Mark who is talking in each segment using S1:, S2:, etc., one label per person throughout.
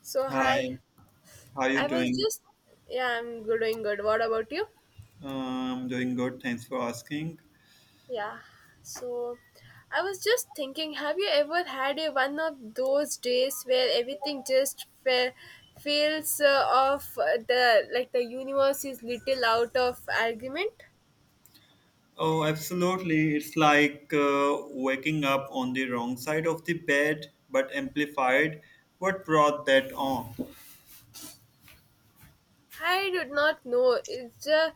S1: So hi,
S2: Hi, how you
S1: I was
S2: doing?
S1: just yeah, I'm good- doing good. What about you?
S2: Doing good. Thanks for asking.
S1: Yeah. So I was just thinking, have you ever had a one of those days where everything just fe- feels off the like the universe is little out of argument?
S2: Oh, absolutely. It's like waking up on the wrong side of the bed, but amplified. What brought that on?
S1: I did not know. It's ju-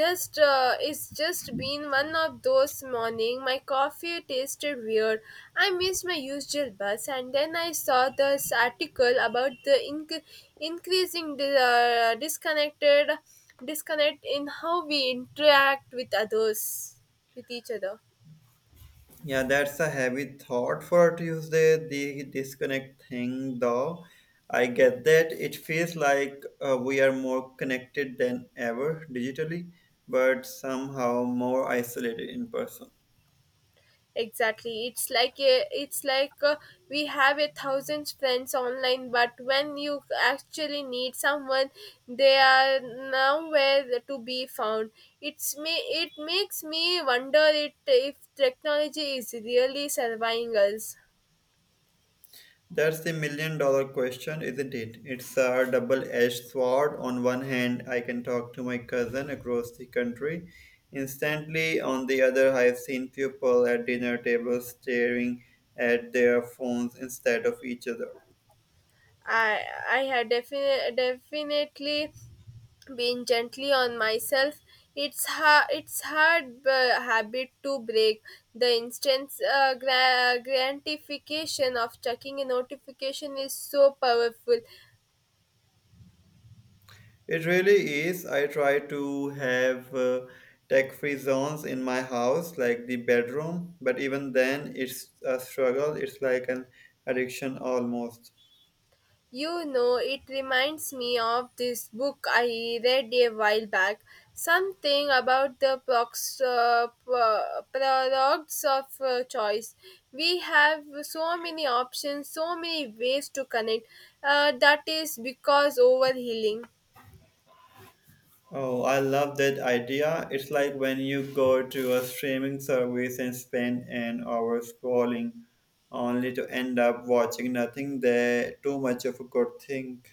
S1: just it's just been one of those morning. My coffee tasted weird. I missed my usual bus, and then I saw this article about the inc- increasing disconnect in how we interact with others, with each other.
S2: Yeah, that's a heavy thought for Tuesday, the disconnect thing, though. I get that. It feels like we are more connected than ever digitally, but somehow more isolated in person.
S1: Exactly. It's like we have a thousand friends online, but when you actually need someone, they are nowhere to be found. It's me. It makes me wonder it if technology is really serving us.
S2: That's the million dollar question, isn't it? It's a double edged sword. On one hand, I can talk to my cousin across the country instantly. On the other, I've seen people at dinner tables staring at their phones instead of each other.
S1: I I had definitely being gently on myself it's hard habit to break the instant gratification of checking a notification is so powerful
S2: It really is. I try to have tech free zones in my house, like the bedroom, but even then, it's a struggle. It's like an addiction almost.
S1: you know It reminds me of this book I read a while back, something about the products of choice. We have so many options, so many ways to connect, that is because overhealing.
S2: Oh, I love that idea. It's like when you go to a streaming service and spend an hour scrolling only to end up watching nothing there, too much of a good thing.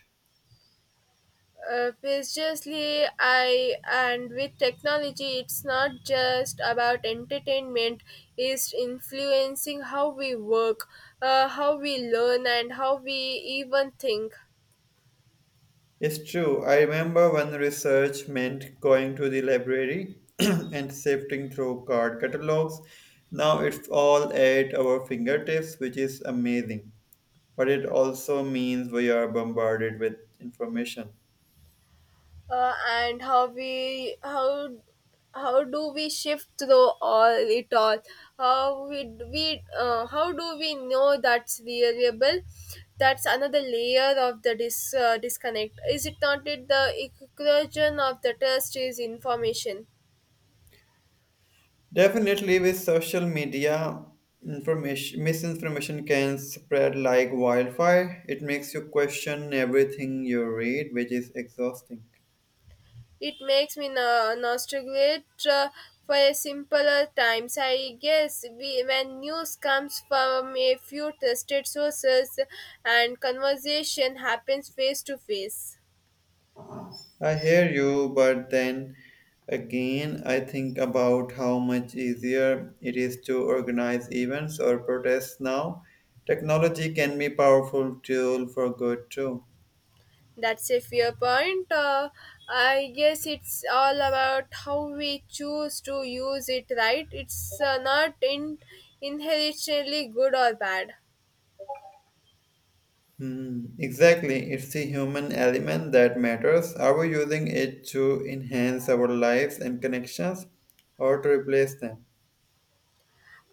S1: Precisely. I and with technology it's not just about entertainment, it's influencing how we work, how we learn and how we even think.
S2: It's true. I remember when research meant going to the library and sifting through card catalogs. Now it's all at our fingertips, which is amazing. But it also means we are bombarded with information.
S1: And how we How do we shift through all it all? How we we how do we know that's reliable? That's another layer of the disconnect, is it not it? The equation of the test is information.
S2: Definitely, with social media, information misinformation can spread like wildfire. It makes you question everything you read, which is exhausting.
S1: It makes me no- nostalgic, uh, for a simpler times. I guess we, when news comes from a few trusted sources and conversation happens face to face.
S2: I hear you, but then again, I think about how much easier it is to organize events or protests now. Technology can be powerful tool for good too.
S1: That's a fair point. I guess it's all about how we choose to use it, right? It's not inherently good or bad.
S2: Hmm, exactly. It's the human element that matters. Are we using it to enhance our lives and connections or to replace them?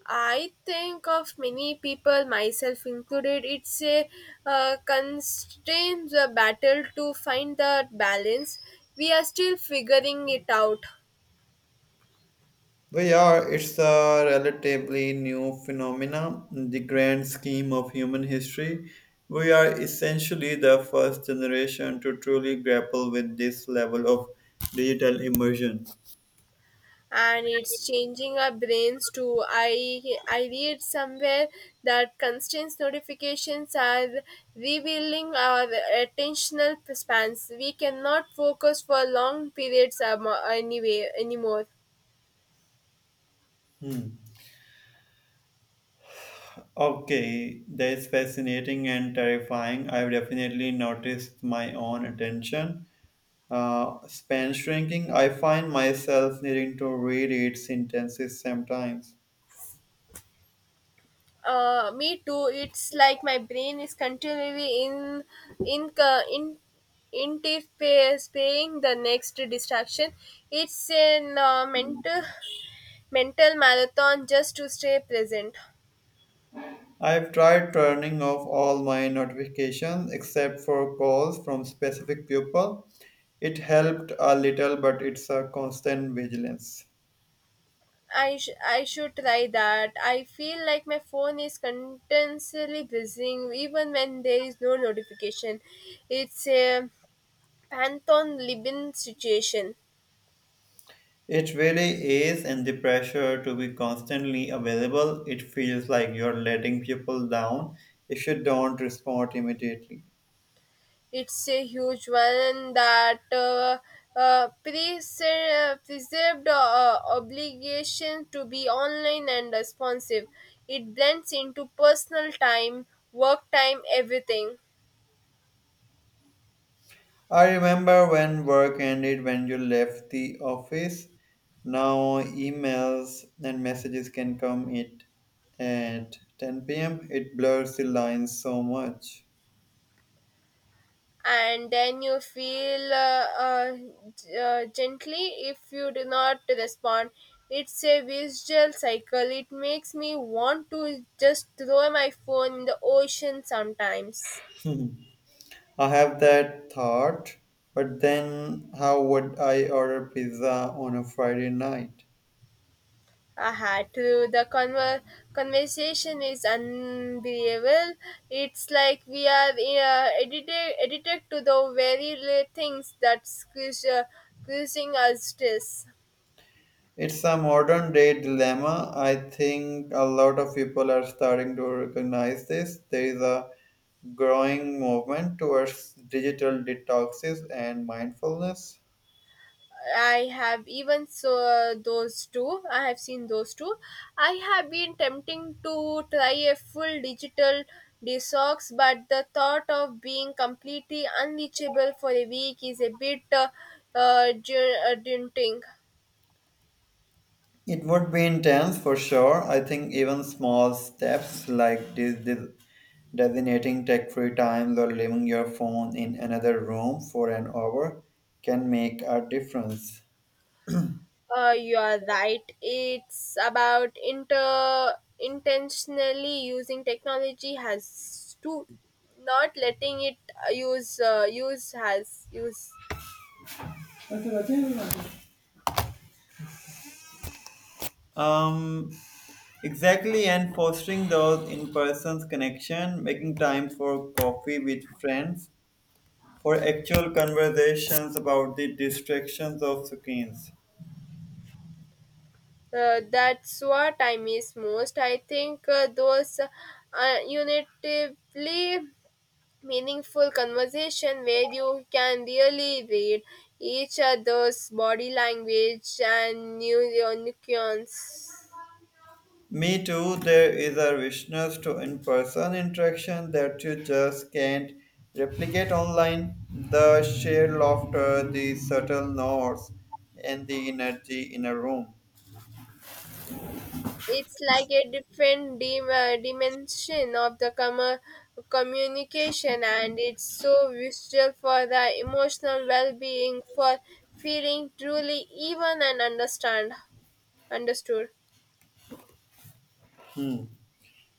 S1: I think of many people, myself included, it's a constant battle to find that balance. We are still figuring it out.
S2: We are. It's a relatively new phenomenon in the grand scheme of human history. We are essentially the first generation to truly grapple with this level of digital immersion.
S1: And it's changing our brains too. I read somewhere that constant notifications are revealing our attentional spans. We cannot focus for long periods anymore.
S2: Hmm. Okay, that is fascinating and terrifying. I've definitely noticed my own attention span shrinking, I find myself needing to reread sentences sometimes.
S1: Me too. It's like my brain is continually in anticipating the next distraction. It's a uh, mental mental marathon just to stay present.
S2: I've tried turning off all my notifications except for calls from specific people. It helped a little, but it's a constant vigilance.
S1: I should try that. I feel like my phone is continuously buzzing even when there is no notification. It's a Pantheon Libin situation.
S2: It really is, and the pressure to be constantly available, it feels like you're letting people down if you don't respond immediately.
S1: It's a huge one that preserved obligation to be online and responsive. It blends into personal time, work time, everything.
S2: I remember when work ended, when you left the office. Now emails and messages can come it at 10 p.m. It blurs the lines so much.
S1: And then you feel gently if you do not respond. It's a visual cycle. It makes me want to just throw my phone in the ocean sometimes.
S2: Hmm. I have that thought, but then how would I order pizza on a Friday night?
S1: I had to. The conver- conversation is unbelievable. It's like we are edited to the very li- things that's causing us stress.
S2: It's a modern day dilemma. I think a lot of people are starting to recognize this. There is a growing movement towards digital detoxes and mindfulness.
S1: I have even so those two. I have seen those two. I have been tempting to try a full digital detox, but the thought of being completely unreachable for a week is a bit uh, daunting.
S2: It would be intense for sure. I think even small steps like this designating tech free times or leaving your phone in another room for an hour can make a difference.
S1: You are right. It's about inter intentionally using technology has to not letting it use has use.
S2: Um, exactly, and fostering those in person connection, making time for coffee with friends, for actual conversations about the distractions of screens.
S1: That's what I miss most. I think those unitively meaningful conversation where you can really read each other's body language and new nuance.
S2: Me too, there is a richness to in person interaction that you just can't replicate online. The shared laughter, the subtle nods, and the energy in a room.
S1: It's like a different dimension of the communication and it's so visual for the emotional well-being for feeling truly even and understand understood.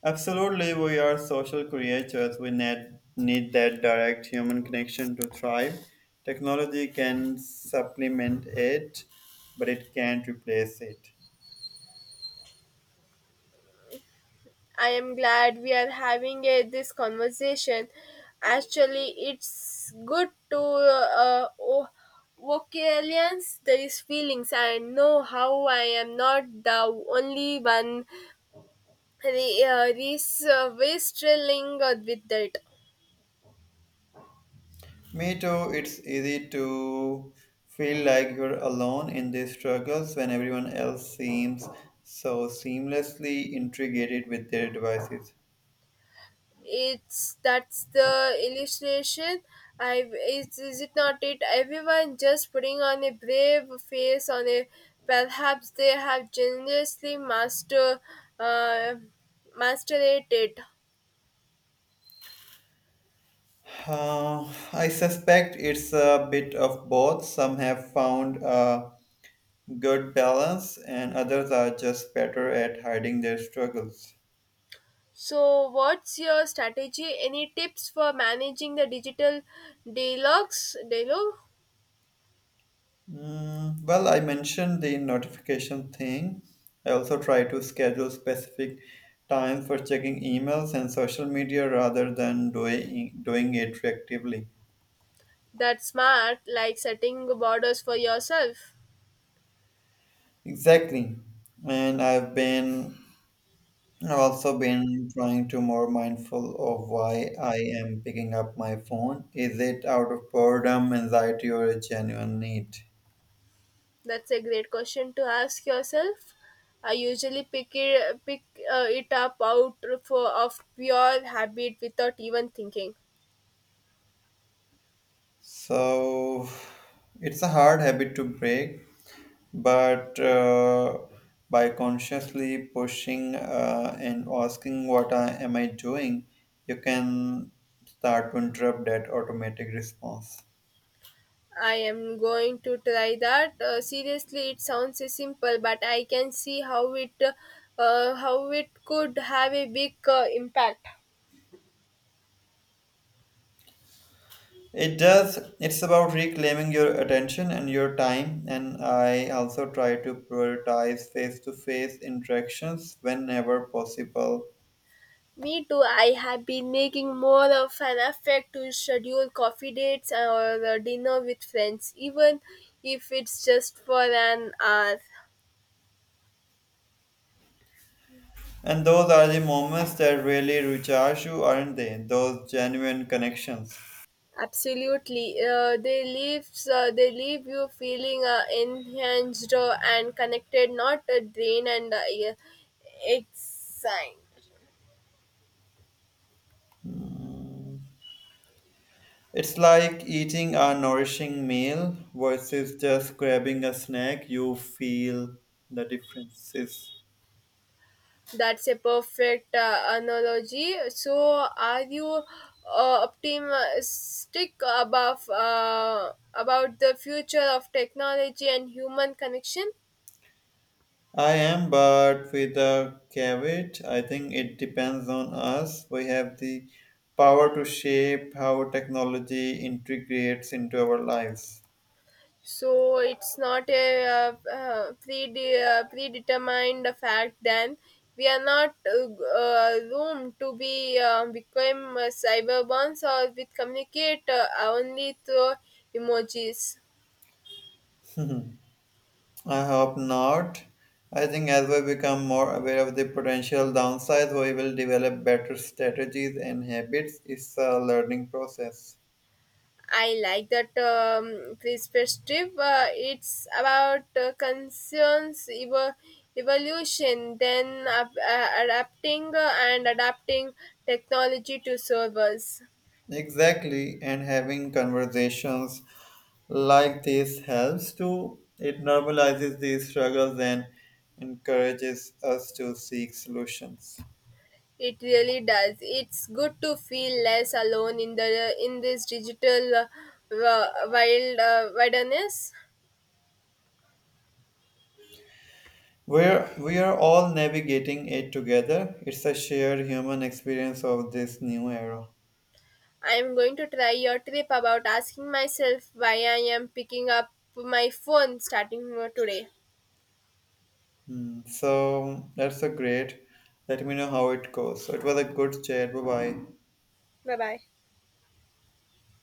S2: Absolutely, we are social creatures. We need that direct human connection to thrive. Technology can supplement it, but it can't replace it.
S1: I am glad we are this conversation actually. It's good to vocalize these feelings. I know how I am not the only one the this way thrilling with that.
S2: Me too, it's easy to feel like you're alone in these struggles when everyone else seems so seamlessly integrated with their devices.
S1: It's that's the illustration, is it not it? Everyone just putting on a brave face on a perhaps they have generously master, uh, mastered it.
S2: I suspect it's a bit of both. Some have found a good balance, and others are just better at hiding their struggles.
S1: So what's your strategy? Any tips for managing the digital dialogue?
S2: Mm, well, I mentioned the notification thing. I also try to schedule specific time for checking emails and social media rather than doing it reactively.
S1: That's smart, like setting borders for yourself.
S2: Exactly. And I've been I've also been trying to more mindful of why I am picking up my phone. Is it out of boredom, anxiety, or a genuine need?
S1: That's a great question to ask yourself. I usually pick it up of pure habit without even thinking.
S2: So it's a hard habit to break, but by consciously pushing and asking am I doing you can start to interrupt that automatic response.
S1: I am going to try that. Seriously, it sounds simple, but I can see how it could have a big impact.
S2: It does. It's about reclaiming your attention and your time, and I also try to prioritize face-to-face interactions whenever possible.
S1: Me too. I have been making more of an effort to schedule coffee dates or dinner with friends, even if it's just for an hour.
S2: And those are the moments that really recharge you, aren't they? Those genuine connections.
S1: Absolutely, they leave you feeling enhanced and connected, not drained and yeah, excited.
S2: It's like eating a nourishing meal versus just grabbing a snack. You feel the differences.
S1: That's a perfect analogy. So, are you optimistic about the future of technology and human connection?
S2: I am, but with a caveat, I think it depends on us. We have the power to shape how technology integrates into our lives.
S1: So it's not a predetermined fact then. We are not room to be become cyberborns or with communicate only through emojis.
S2: Hmm. I hope not. I think as we become more aware of the potential downsides, we will develop better strategies and habits. It's a learning process.
S1: I like that perspective. It's about concerns evolution then, adapting and adapting technology to servers.
S2: Exactly, and having conversations like this helps too. It normalizes these struggles and encourages us to seek solutions.
S1: It really does. It's good to feel less alone in the in this digital wilderness.
S2: We are all navigating it together. It's a shared human experience of this new era.
S1: I'm going to try your trip about asking myself why I am picking up my phone starting from today.
S2: Hmm, so that's a great. Let me know how it goes. So it was a good chat. Bye bye.
S1: Bye bye.